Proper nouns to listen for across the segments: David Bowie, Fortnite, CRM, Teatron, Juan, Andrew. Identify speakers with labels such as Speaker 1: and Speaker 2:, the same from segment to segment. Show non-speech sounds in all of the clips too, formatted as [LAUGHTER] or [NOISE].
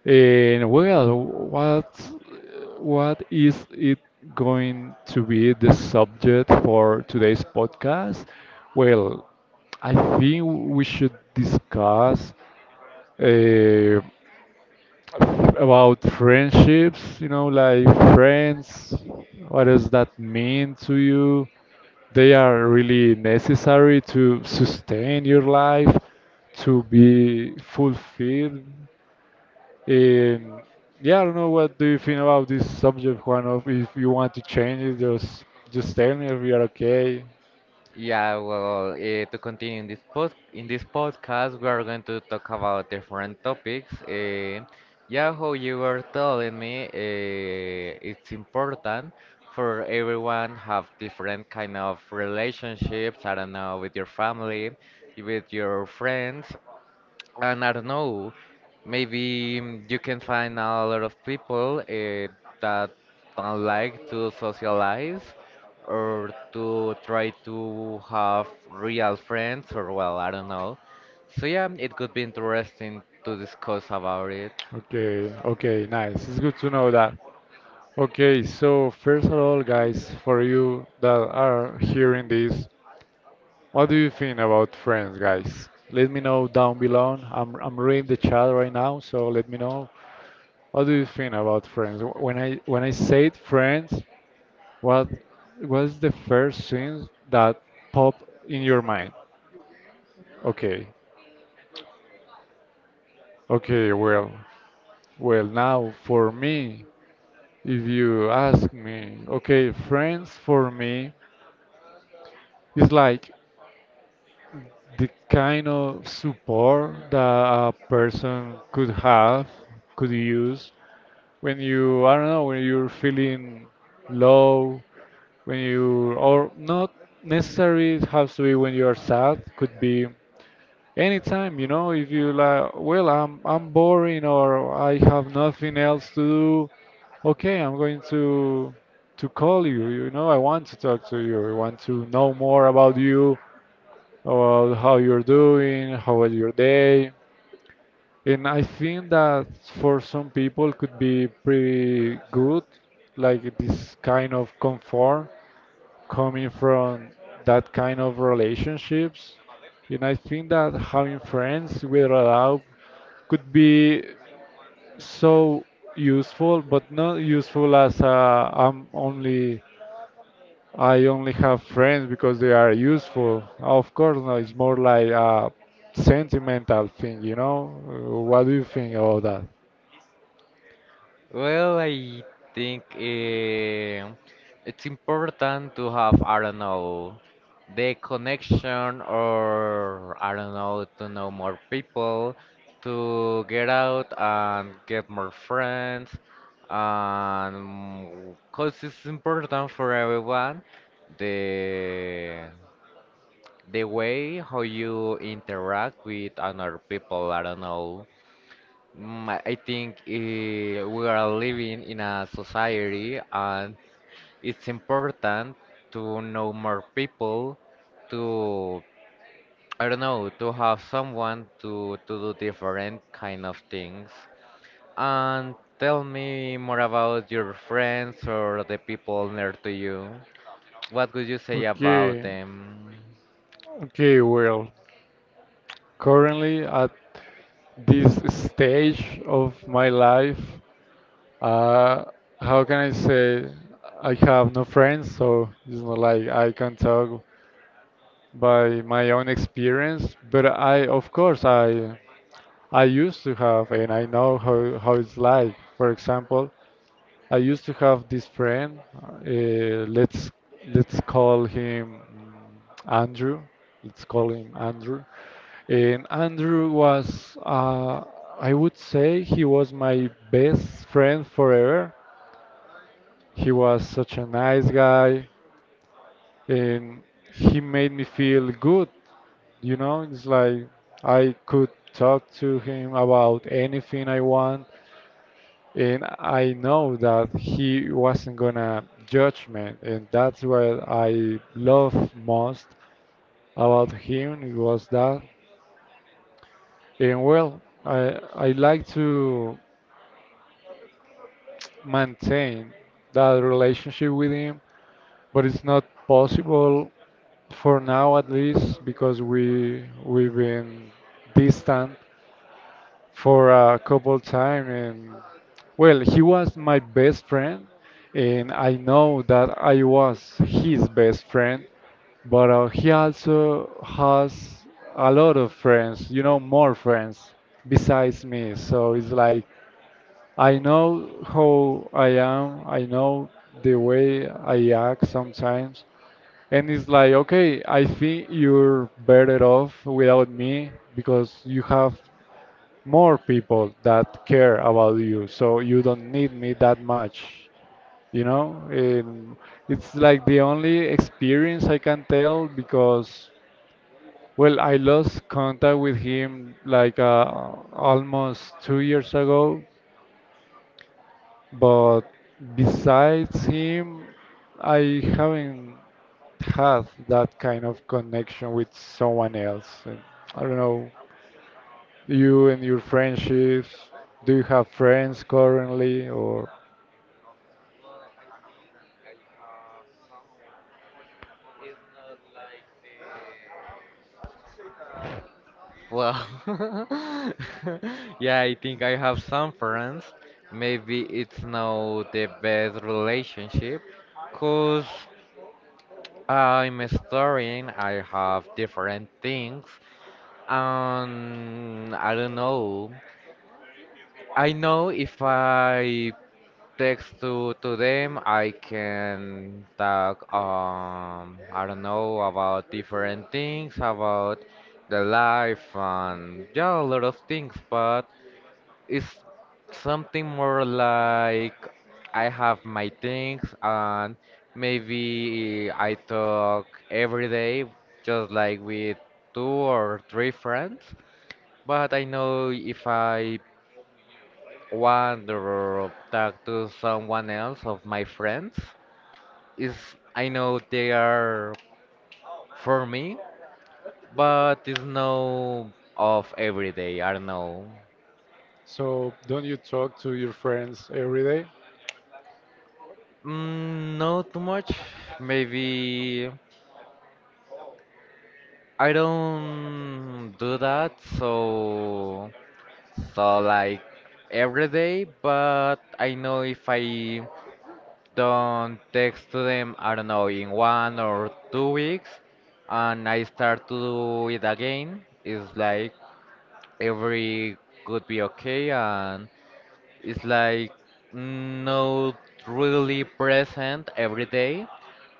Speaker 1: And well, what is it going to be the subject for today's podcast? Well, I think we should discuss. Uh, about friendships, like friends, what does that mean to you? They are really necessary to sustain your life, to be fulfilled. And yeah, I don't know what do you think about this subject, Juan. Of If you want to change it, just tell me if you are okay.
Speaker 2: yeah, well, to continue in this podcast, we are going to talk about different topics. Yeah, how you were telling me, it's important for everyone have different kind of relationships. I don't know, with your family, with your friends. And I don't know, maybe you can find a lot of people that don't like to socialize or to try to have real friends, or well, I don't know. So yeah, it could be interesting to discuss about it.
Speaker 1: Okay, okay, nice. It's good to know that. Okay, so first of all, guys, for you that are hearing this, what do you think about Friends, guys? Let me know down below. I'm reading the chat right now, so let me know. What do you think about Friends? When I said Friends, what was the first thing that popped in your mind? Okay, okay, well, now for me, if you ask me, okay, Friends for me is like the kind of support that a person could have, could use when you I don't know when you're feeling low, when you or not necessarily it has to be when you are sad. Could be anytime. If you like, well, I'm boring or I have nothing else to do. Okay, I'm going to call you. I want to talk to you. I want to know more about you, about how you're doing, how was your day. And I think that for some people could be pretty good, like this kind of comfort coming from that kind of relationships. And I think that having friends with a dog could be so useful, but not useful as I only have friends because they are useful. Of course, no, it's more like a sentimental thing? What do you think about that?
Speaker 2: Well, I think it's important to have, I don't know, the connection, or I don't know, to know more people, to get out and get more friends, and because it's important for everyone the the way how you interact with other people. I don't know. I think we are living in a society and it's important to know more people, to, I don't know, to have someone to do different kind of things. And tell me more about your friends or the people near to you. What could you
Speaker 1: Say
Speaker 2: say
Speaker 1: about
Speaker 2: about
Speaker 1: Okay,
Speaker 2: them?
Speaker 1: okay, well, currently at this stage of my life, uh, how can I say I have no friends, so it's not like I can talk by my own experience, but I, of course, I used to have and I know how it's like. For example, I used to have this friend. Let's call him Andrew. Let's call him Andrew. And Andrew was, I would say, he was my best friend forever. He was such a nice guy, and he made me feel good. You know, it's like I could talk to him about anything I want, and I know that he wasn't gonna judge me, and that's what I love most about him it was that. And well, I like to maintain that relationship with him, but it's not possible for now at least because we've been distant for a couple time. And well, he was my best friend, and I know that I was his best friend, but he also has a lot of friends, more friends besides me. So it's like I know how I am, I know the way I act sometimes, and it's like okay, I think you're better off without me because you have more people that care about you, so you don't need me that much. You know, um, it's like the only experience I can tell because, well, I lost contact with him like almost 2 years ago, but besides him, I haven't had that kind of connection with someone else. I don't know. You and your friendships. Do you have friends currently, or
Speaker 2: Well, [LAUGHS] yeah, I think I have some friends. Maybe it's not the best relationship because I'm studying, I have different things, and I don't know. I know if I text to them, I can talk, I don't know, about different things, about the life, and yeah, a lot of things, but it's something more like I have my things and maybe I talk every day, just like with two or three friends. But I know if I want or talk to someone else of my friends, is I know they are for me, but it's no of every day. I don't know.
Speaker 1: so, don't you talk to your friends every day?
Speaker 2: Mm, no, too much. Maybe I don't do that, so like every day, but I know if I don't text to them, I don't know, in 1 or 2 weeks, and I start to do it again, it's like every could be okay, and it's like not really present every day,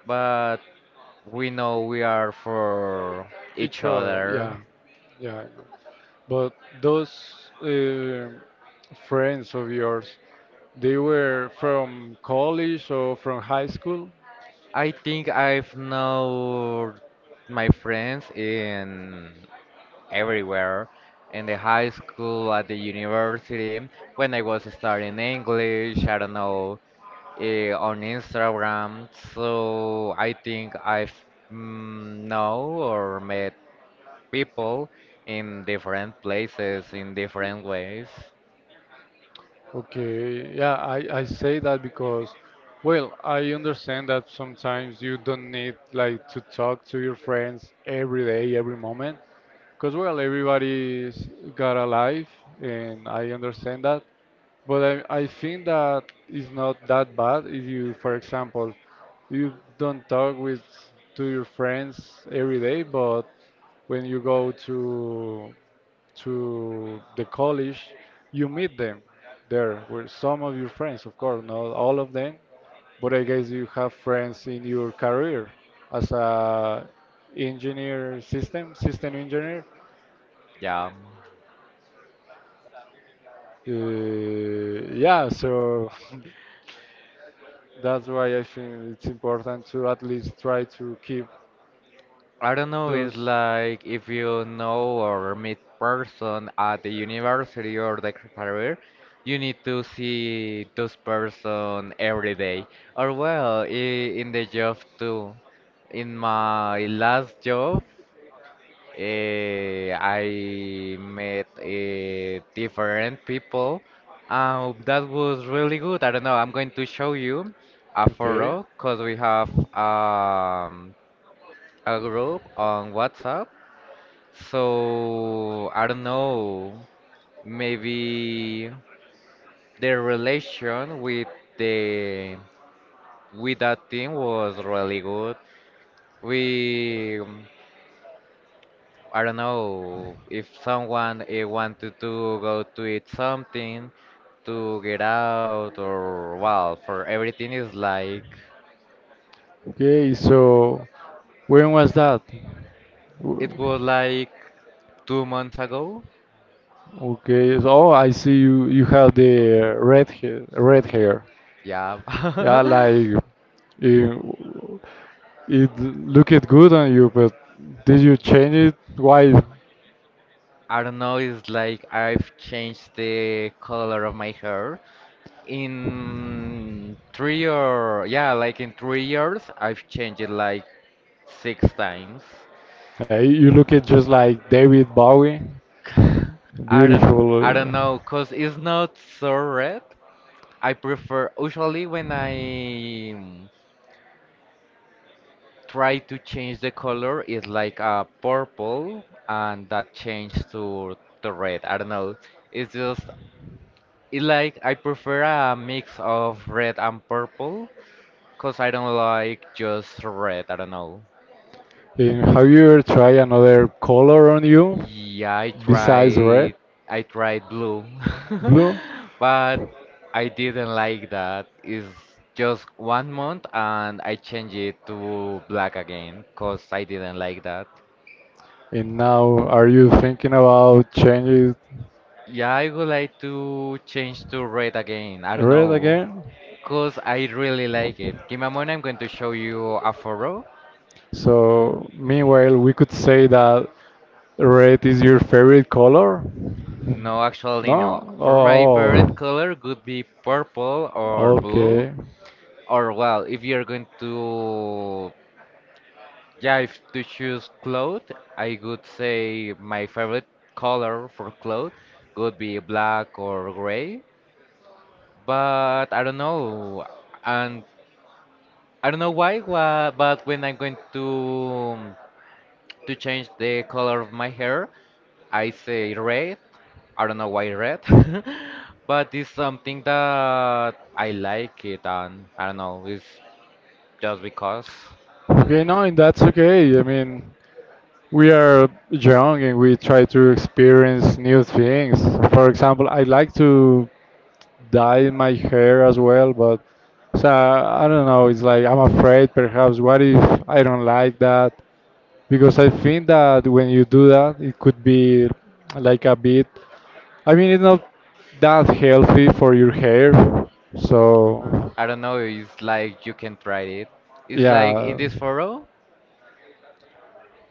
Speaker 2: but we know we are for each
Speaker 1: Each other, yeah,
Speaker 2: other.
Speaker 1: yeah. I know. But those friends of yours, they were from college or from high school?
Speaker 2: I think I've known my friends in everywhere, in the high school, at the university, when I was studying English, I don't know, on Instagram. So I think I've know or met people in different places, in different ways.
Speaker 1: Okay, yeah, I say that because, well, I understand that sometimes you don't need like to talk to your friends every day, every moment, because well, everybody's got a life, and I understand that. But I think that it's not that bad if you, for example, you don't talk with to your friends every day, but when you go to the college, you meet them there with some of your friends, of course, not all of them, but I guess you have friends in your career as a engineer system engineer.
Speaker 2: Yeah.
Speaker 1: Yeah, so [LAUGHS] that's why I think it's important to at least try to keep
Speaker 2: I don't know, it's
Speaker 1: those.
Speaker 2: like if you know or meet person at the university or the career, you need to see those person every day. Or well, in the job too. In my last job, I met different people. That was really good. I don't know, I'm going to show you a
Speaker 1: Okay.
Speaker 2: photo because we have um, a group on WhatsApp, so I don't know, maybe their relation with the with that team was really good. We I don't know if someone wanted to go to eat something, to get out, or well, for everything is like
Speaker 1: Okay, so when was that? W-
Speaker 2: it was like 2 months ago.
Speaker 1: Okay, so oh, I see you have the red hair, red hair. Yeah.
Speaker 2: Yeah. [LAUGHS]
Speaker 1: Yeah,
Speaker 2: I
Speaker 1: like it, it looked good on you, but did you change it? Why?
Speaker 2: don't know, it's like I've changed the color of my hair. In three or yeah, like in 3 years, I've changed it like six times.
Speaker 1: You look it just like David Bowie.
Speaker 2: [LAUGHS] I don't
Speaker 1: Beautiful.
Speaker 2: I don't
Speaker 1: uh,
Speaker 2: know, cause it's not so red. I prefer usually when I mm, try to change the color, it's like a purple, and that changed to the red. I don't know. It's just it like I prefer a mix of red and purple, cause I don't like just red. I don't know.
Speaker 1: And have you ever tried another color on you
Speaker 2: Yeah, I
Speaker 1: besides red,
Speaker 2: tried I tried blue, [LAUGHS]
Speaker 1: blue?
Speaker 2: but I didn't like that. It's just 1 month and I changed it to black again because I didn't like that.
Speaker 1: And now, are you thinking about changing
Speaker 2: Yeah, I would like to change to red again. I don't
Speaker 1: red
Speaker 2: know,
Speaker 1: again?
Speaker 2: because I really like it. Give me a moment, I'm going to show you a photo.
Speaker 1: So, meanwhile, we could say that red is your favorite color?
Speaker 2: No, actually, no.
Speaker 1: No?
Speaker 2: For my favorite
Speaker 1: Oh,
Speaker 2: color would be purple or blue.
Speaker 1: okay.
Speaker 2: Or well, if you're going to. Yeah, if to choose clothes, I would say my favorite color for clothes would be black or gray. But I don't know, and I don't know why. But when I'm going um, to change the color of my hair, I say red. I don't know why red, [LAUGHS] but it's something that I like it, and I don't know. It's just because
Speaker 1: Okay, no, and that's okay. I mean, we are young and we try to experience new things. For example, I like to dye my hair as well, but so I don't know. It's like I'm afraid. Perhaps what if I don't like that? Because I think that when you do that, it could be like a bit. I mean, it's not that healthy for your hair. So
Speaker 2: I don't know. It's like you can try it. It's like in
Speaker 1: yeah.
Speaker 2: this photo.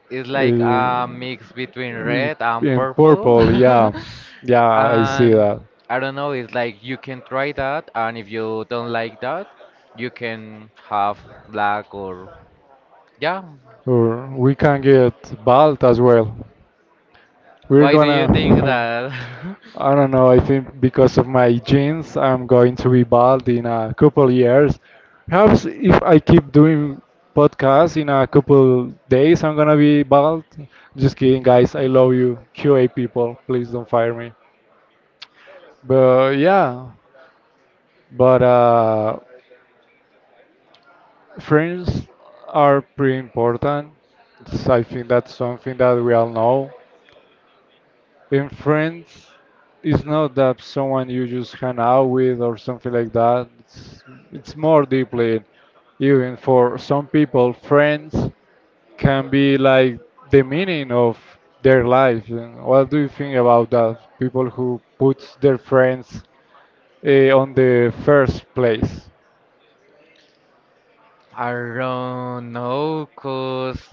Speaker 2: It's like
Speaker 1: Uh,
Speaker 2: a mix between
Speaker 1: re-
Speaker 2: red and
Speaker 1: in
Speaker 2: purple.
Speaker 1: purple, yeah,
Speaker 2: [LAUGHS]
Speaker 1: yeah, I see
Speaker 2: And
Speaker 1: that.
Speaker 2: I don't know, it's like you can try that, and if you don't like that, you can have black or yeah.
Speaker 1: Or we can get bald as well. We're
Speaker 2: Why do
Speaker 1: gonna.
Speaker 2: you think
Speaker 1: [LAUGHS]
Speaker 2: that?
Speaker 1: I don't know. I think because of my genes, I'm going to be bald in a couple years. Perhaps if I keep doing podcasts in a couple days, I'm gonna be bald. Just kidding, guys. I love you, QA people. Please don't fire me. But yeah, but Friends are pretty important. It's- I think that's something that we all know. And friends is not that someone you just hang out with or something like that. It's more deeply. Even for some people, friends can be like the meaning of their life. And what do you think about that? People who puts their friends on the first place.
Speaker 2: [LAUGHS] I don't know, cause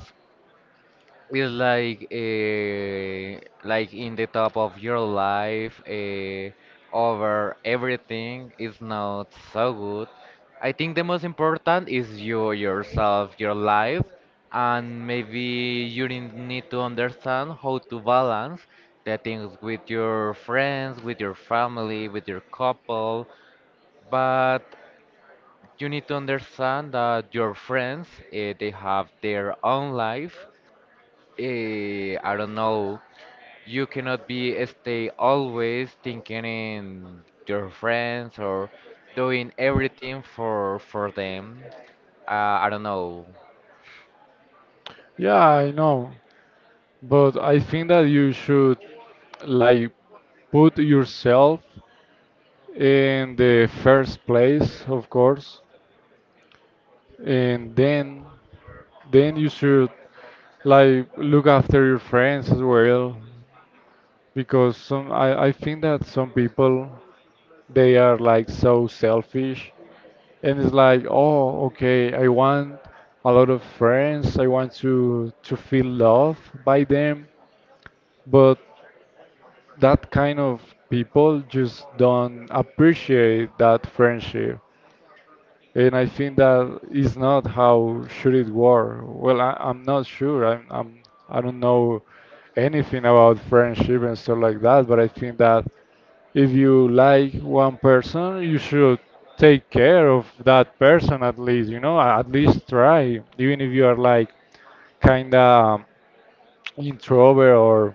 Speaker 2: it's like like in the top of your life over everything is not so good. I think the most important is you yourself, your life, and maybe you need to understand how to balance the things with your friends, with your family, with your couple. But you need to understand that your friends they have their own life, I don't know, you cannot be stay always thinking in your friends or doing everything for them. I don't know.
Speaker 1: Yeah, I know. But I think that you should like put yourself in the first place, of course, and then you should like look after your friends as well, because some I think that some people they are like so selfish, and it's like oh okay, I want a lot of friends, I want to feel loved by them, but that kind of people just don't appreciate that friendship. And I think that is not how should it work. Well, I'm not sure. I'm I don't know anything about friendship and stuff like that. But I think that if you like one person, you should take care of that person at least. You know, at least try, even if you are like kinda introvert or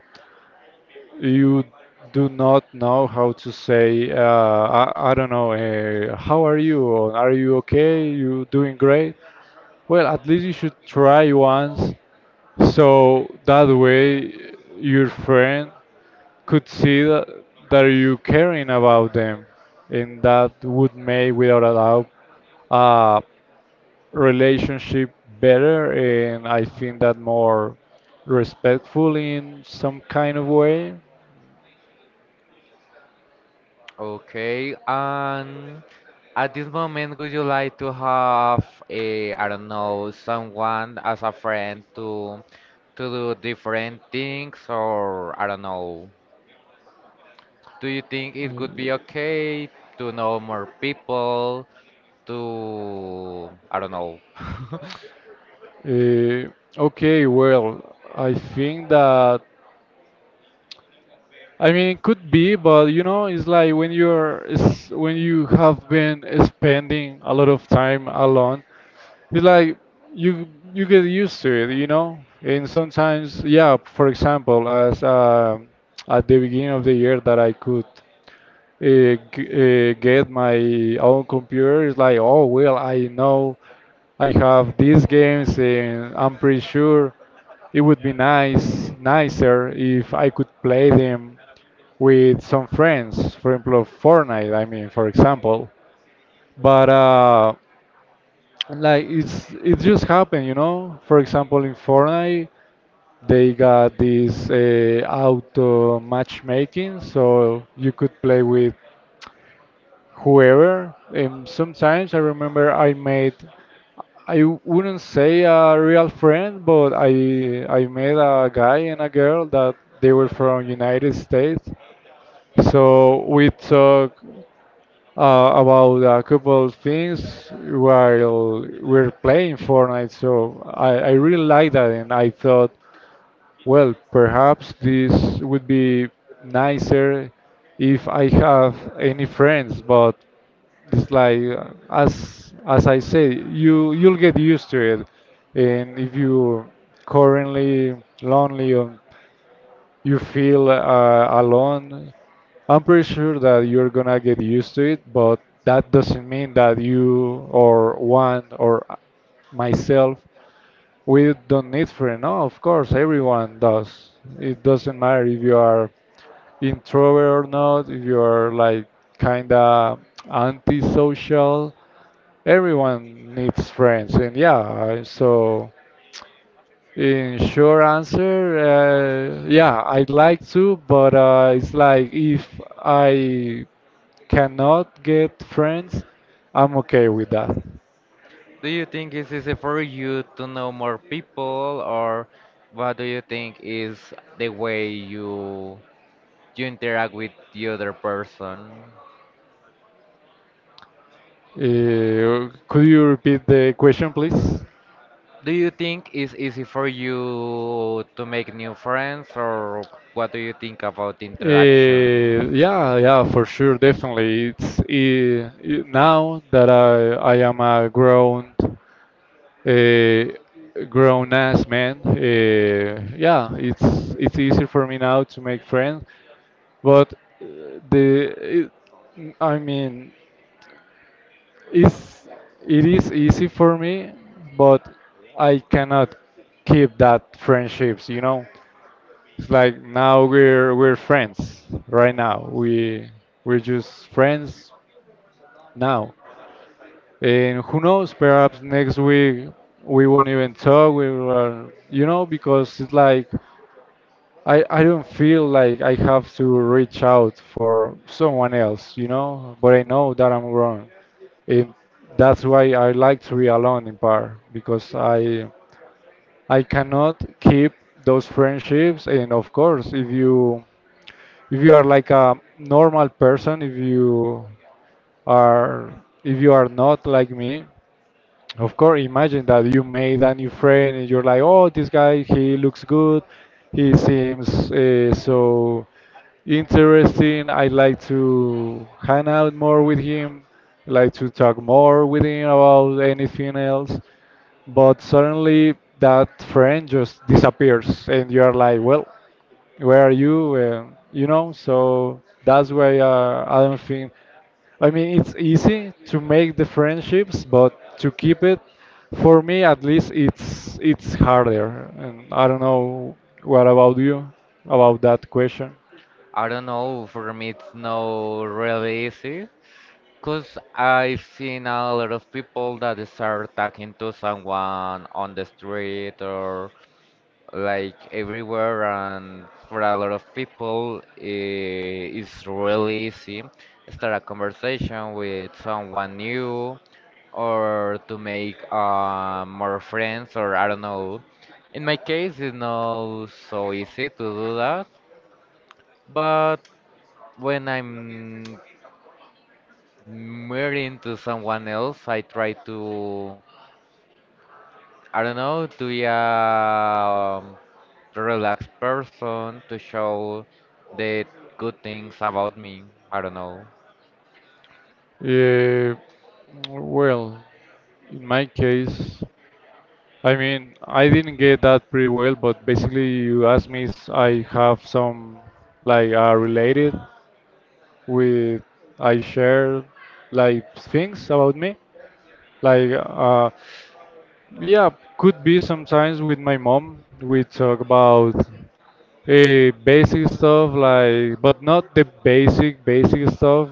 Speaker 1: you do not know how to say, I don't know, how are you? Or are you okay? You doing great? Well, at least you should try once. So that way your friend could see that, that you caring about them. And that would make, without a doubt, uh, relationship better, and I think that more respectful in some kind of way.
Speaker 2: Okay, and at this moment, would you like to have a, I don't know, someone as a friend to do different things, or I don't know. Do you think it would be
Speaker 1: Mm,
Speaker 2: okay to know more people? To I don't know. [LAUGHS]
Speaker 1: eh, okay, well, I think that I mean it could be, but you know, it's like when you're it's when you have been spending a lot of time alone, it's like you get used to it. And sometimes, yeah, for example, as at the beginning of the year that I could get my own computer. It's like, oh well, I know I have these games, and I'm pretty sure it would be nice, nicer if I could play them with some friends. For example, Fortnite. I mean, for example, but like it just happened. For example, in Fortnite. They got this auto matchmaking, so you could play with however, sometimes I remember I wouldn't say a real friend, but I met a guy and a girl that they were from United States. So we talk about a couple of things while we're playing Fortnite. So I really like that, and I thought. Well, perhaps this would be nicer if I have any friends, but it's like as I say, you'll get used to it, and if you're currently lonely or you feel alone, I'm pretty sure that you're gonna get used to it, but that doesn't mean that you or one or myself we don't need free. No, of course, everyone does. It doesn't matter if you are introvert or not, if you are like kind of antisocial. Everyone needs friends, and yeah, so in short answer, yeah, I'd like to, but it's like if I cannot get friends, I'm okay with that.
Speaker 2: Do you think it's easy for you to know more people, or what do you think is the way you interact with the other person?
Speaker 1: Could you repeat the question, please?
Speaker 2: Do you think it's easy for you to make new friends, or what do you think about interaction?
Speaker 1: Yeah, yeah, for sure, definitely. It's now that I am a grown eh, grown ass man. Eh, yeah, it's easier for me now to make friends, but eh, the it, I mean it's, it is easy for me, but I cannot keep that friendships, you know? It's like now we're friends right now. We we're just friends now. And who knows, perhaps next week we won't even talk, we will, because it's like I don't feel like I have to reach out for someone else, you know, but I know that I'm wrong. And that's why I like to be alone in bar because I cannot keep those friendships. And of course, if you are like a normal person, are if you are not like me, of course, imagine that you made a new friend and you're like, oh, this guy, he looks good, he seems so interesting. I like to hang out more with him, like to talk more with him about anything else. But suddenly that friend just disappears, and you are like, well, where are you? And, so that's why I don't think. I mean, it's easy to make the friendships, but to keep it, for me at least, it's harder. And I don't know what about you about that question.
Speaker 2: I don't know, for me it's not really easy. Because I've seen a lot of people that start talking to someone on the street or like everywhere, and for a lot of people, it's really easy start a conversation with someone new or to make more friends, or I don't know. In my case, it's not so easy to do that, but when I'm marrying to someone else, I try to, I don't know, to be a relaxed person, to show the good things about me. I don't know.
Speaker 1: Uh, well, in my case, I mean, I didn't get that pretty well, but basically, you asked me if I have some like related with I share like things about me. Like, yeah, could be sometimes with my mom. We talk about basic stuff, like, but not the basic, basic stuff.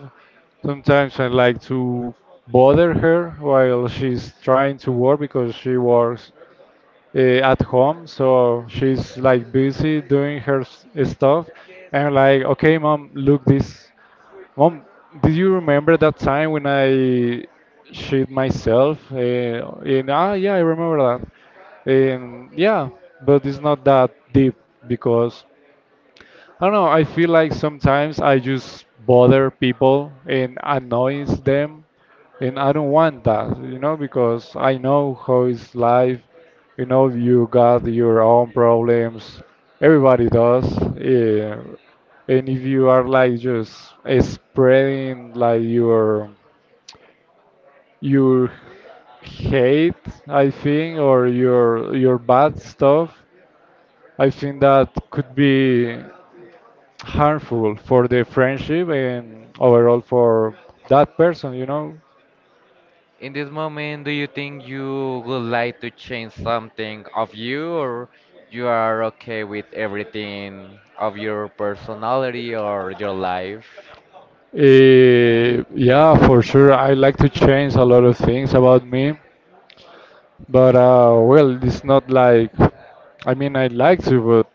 Speaker 1: Sometimes I like to bother her while she's trying to work because she works uh, at home, so she's like busy doing her stuff. And I'm like, okay, mom, look this. Mom, do you remember that time when I shit myself? Yeah, I remember that. And yeah, but it's not that deep because I don't know. I feel like sometimes I just bother people and annoys them, and I don't want that, you know, because I know how is life. You know, you got your own problems. Everybody does. Yeah. And if you are like just spreading like your hate, I think, or your bad stuff, I think that could be harmful for the friendship and overall for that person, you know.
Speaker 2: In this moment, do you think you would like to change something of you, or you are okay with everything of your personality or your life?
Speaker 1: Yeah, for sure. I like to change a lot of things about me, but well, it's not like I mean, I'd like to, but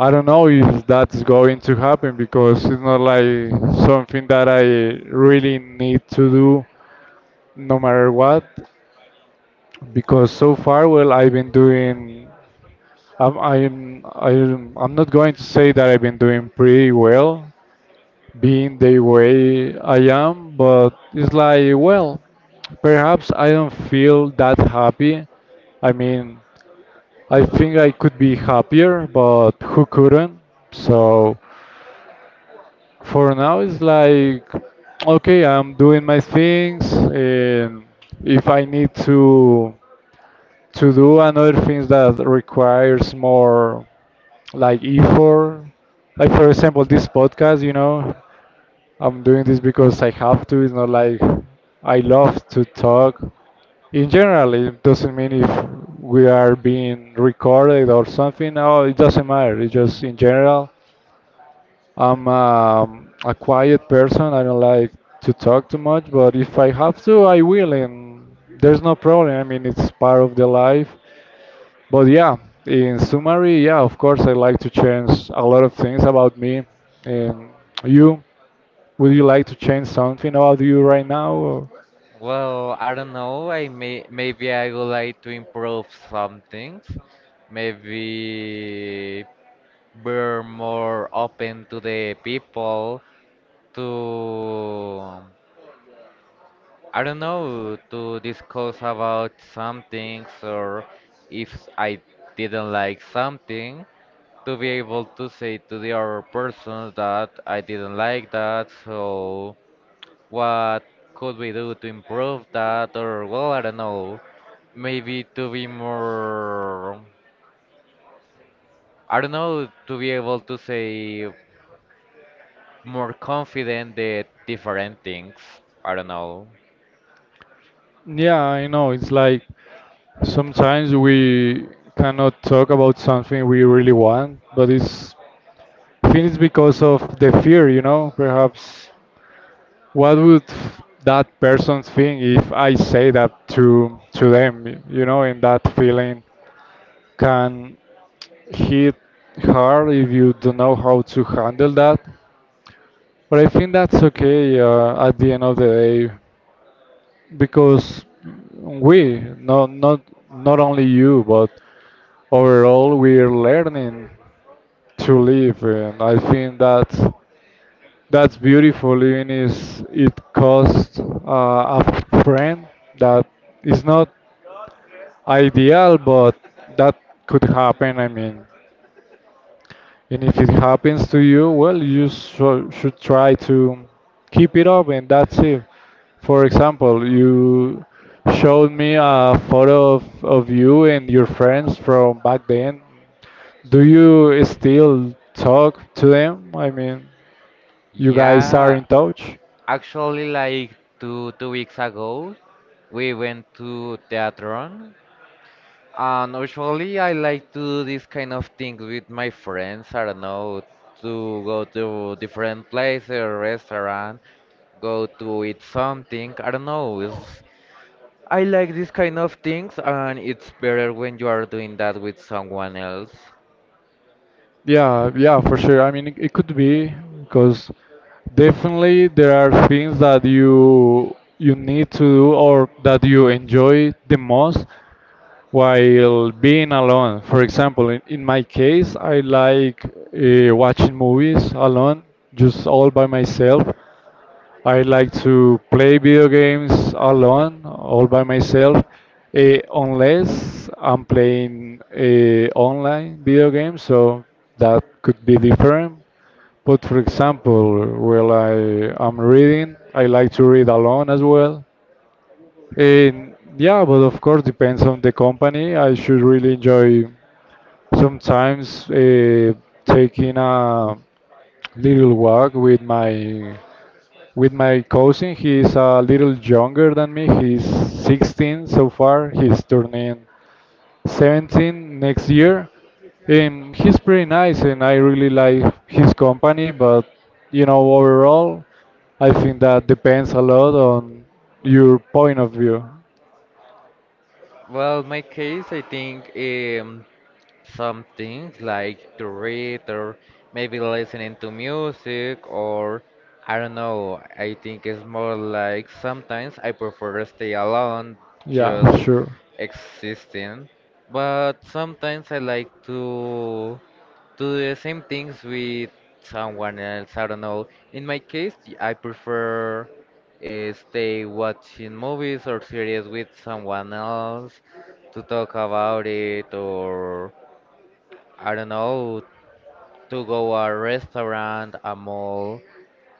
Speaker 1: I don't know if that's going to happen because it's not like something that I really need to do no matter what. Because so far, well, I've been doing I'm not going to say that I've been doing pretty well, being the way I am, but it's like well, perhaps I don't feel that happy. I mean, I think I could be happier, but who couldn't? So for now, it's like okay, I'm doing my things, and if I need to do another things that requires more like if for like for example this podcast you know I'm doing this because I have to it's not like I love to talk in general it doesn't mean if we are being recorded or something no it doesn't matter it's just in general I'm a quiet person I don't like to talk too much but if I have to I will and there's no problem I mean it's part of the life but yeah, in summary, yeah, of course, I like to change a lot of things about me and you. Would you like to change something about you right now? Or?
Speaker 2: Well, I don't know. I may maybe I would like to improve some things. Maybe we're more open to the people, to I don't know, to discuss about some things, or if I didn't like something, to be able to say to the other person that I didn't like that. So what could we do to improve that? Or well, I don't know. Maybe to be more, I don't know, to be able to say more confident at different things. I don't know.
Speaker 1: Yeah, I know. It's like sometimes we cannot talk about something we really want, but it's I think it's because of the fear, you know. Perhaps what would that person think if I say that to them, you know, in that feeling. Can hit hard if you don't know how to handle that. But I think that's okay at the end of the day because we, not only you, but overall, we're learning to live and I think that's beautiful even if it costs a friend that is not ideal but that could happen I mean And if it happens to you, well, you so, should try to keep it up, and that's it. For example, you showed me a photo of you and your friends from back then. Do you still talk to them? I mean, you guys are
Speaker 2: Yeah,
Speaker 1: in touch?
Speaker 2: actually, like two weeks ago, we went to Teatron, and usually I like to do this kind of things with my friends. I don't know, to go to different places, restaurant, go to eat something. I don't know. It's I like these kind of things, and it's better when you are doing that with someone else.
Speaker 1: Yeah, yeah, for sure. I mean, it could be because definitely there are things that you need to do or that you enjoy the most while being alone. For example, in my case, I like watching movies alone, just all by myself. I like to play video games alone, all by myself, unless I'm playing online video games, so that could be different. But for example, while I am reading, I like to read alone as well. And yeah, but of course depends on the company. I should really enjoy sometimes taking a little walk with my cousin. He is a little younger than me. He's 16 so far. He's turning 17 next year. He's pretty nice, and I really like his company. But you know, overall, I think that depends a lot on your point of view.
Speaker 2: Well, my case, I think some things like to read or maybe listening to music, or I don't know. I think it's more like sometimes I prefer to stay alone,
Speaker 1: Yeah,
Speaker 2: just
Speaker 1: sure.
Speaker 2: existing. But sometimes I like to do the same things with someone else. I don't know. In my case, I prefer stay watching movies or series with someone else to talk about it, or I don't know, to go a restaurant, a mall.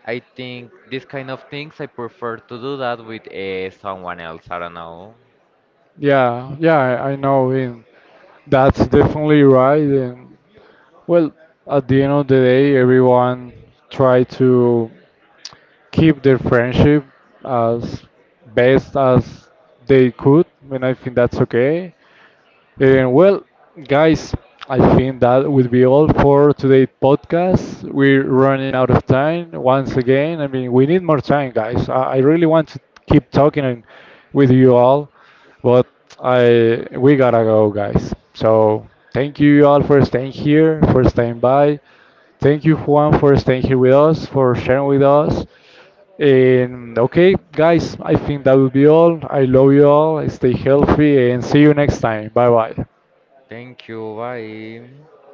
Speaker 2: I think these kind of things I prefer to do that with someone else. I don't know.
Speaker 1: Yeah, yeah, I know. And that's definitely right. And well, at the end of the day, everyone try to keep their friendship as best as they could, and I think that's okay. Well, guys, I think that would be all for today's podcast. We're running out of time once again. I mean, we need more time, guys. I really want to keep talking with you all, but I we gotta go, guys. So thank you all for staying here, for staying by. Thank you, Juan, for staying here with us, for sharing with us. And okay, guys, I think that will be all. I love you all. Stay healthy and see you next time. Bye bye.
Speaker 2: Thank you. Bye.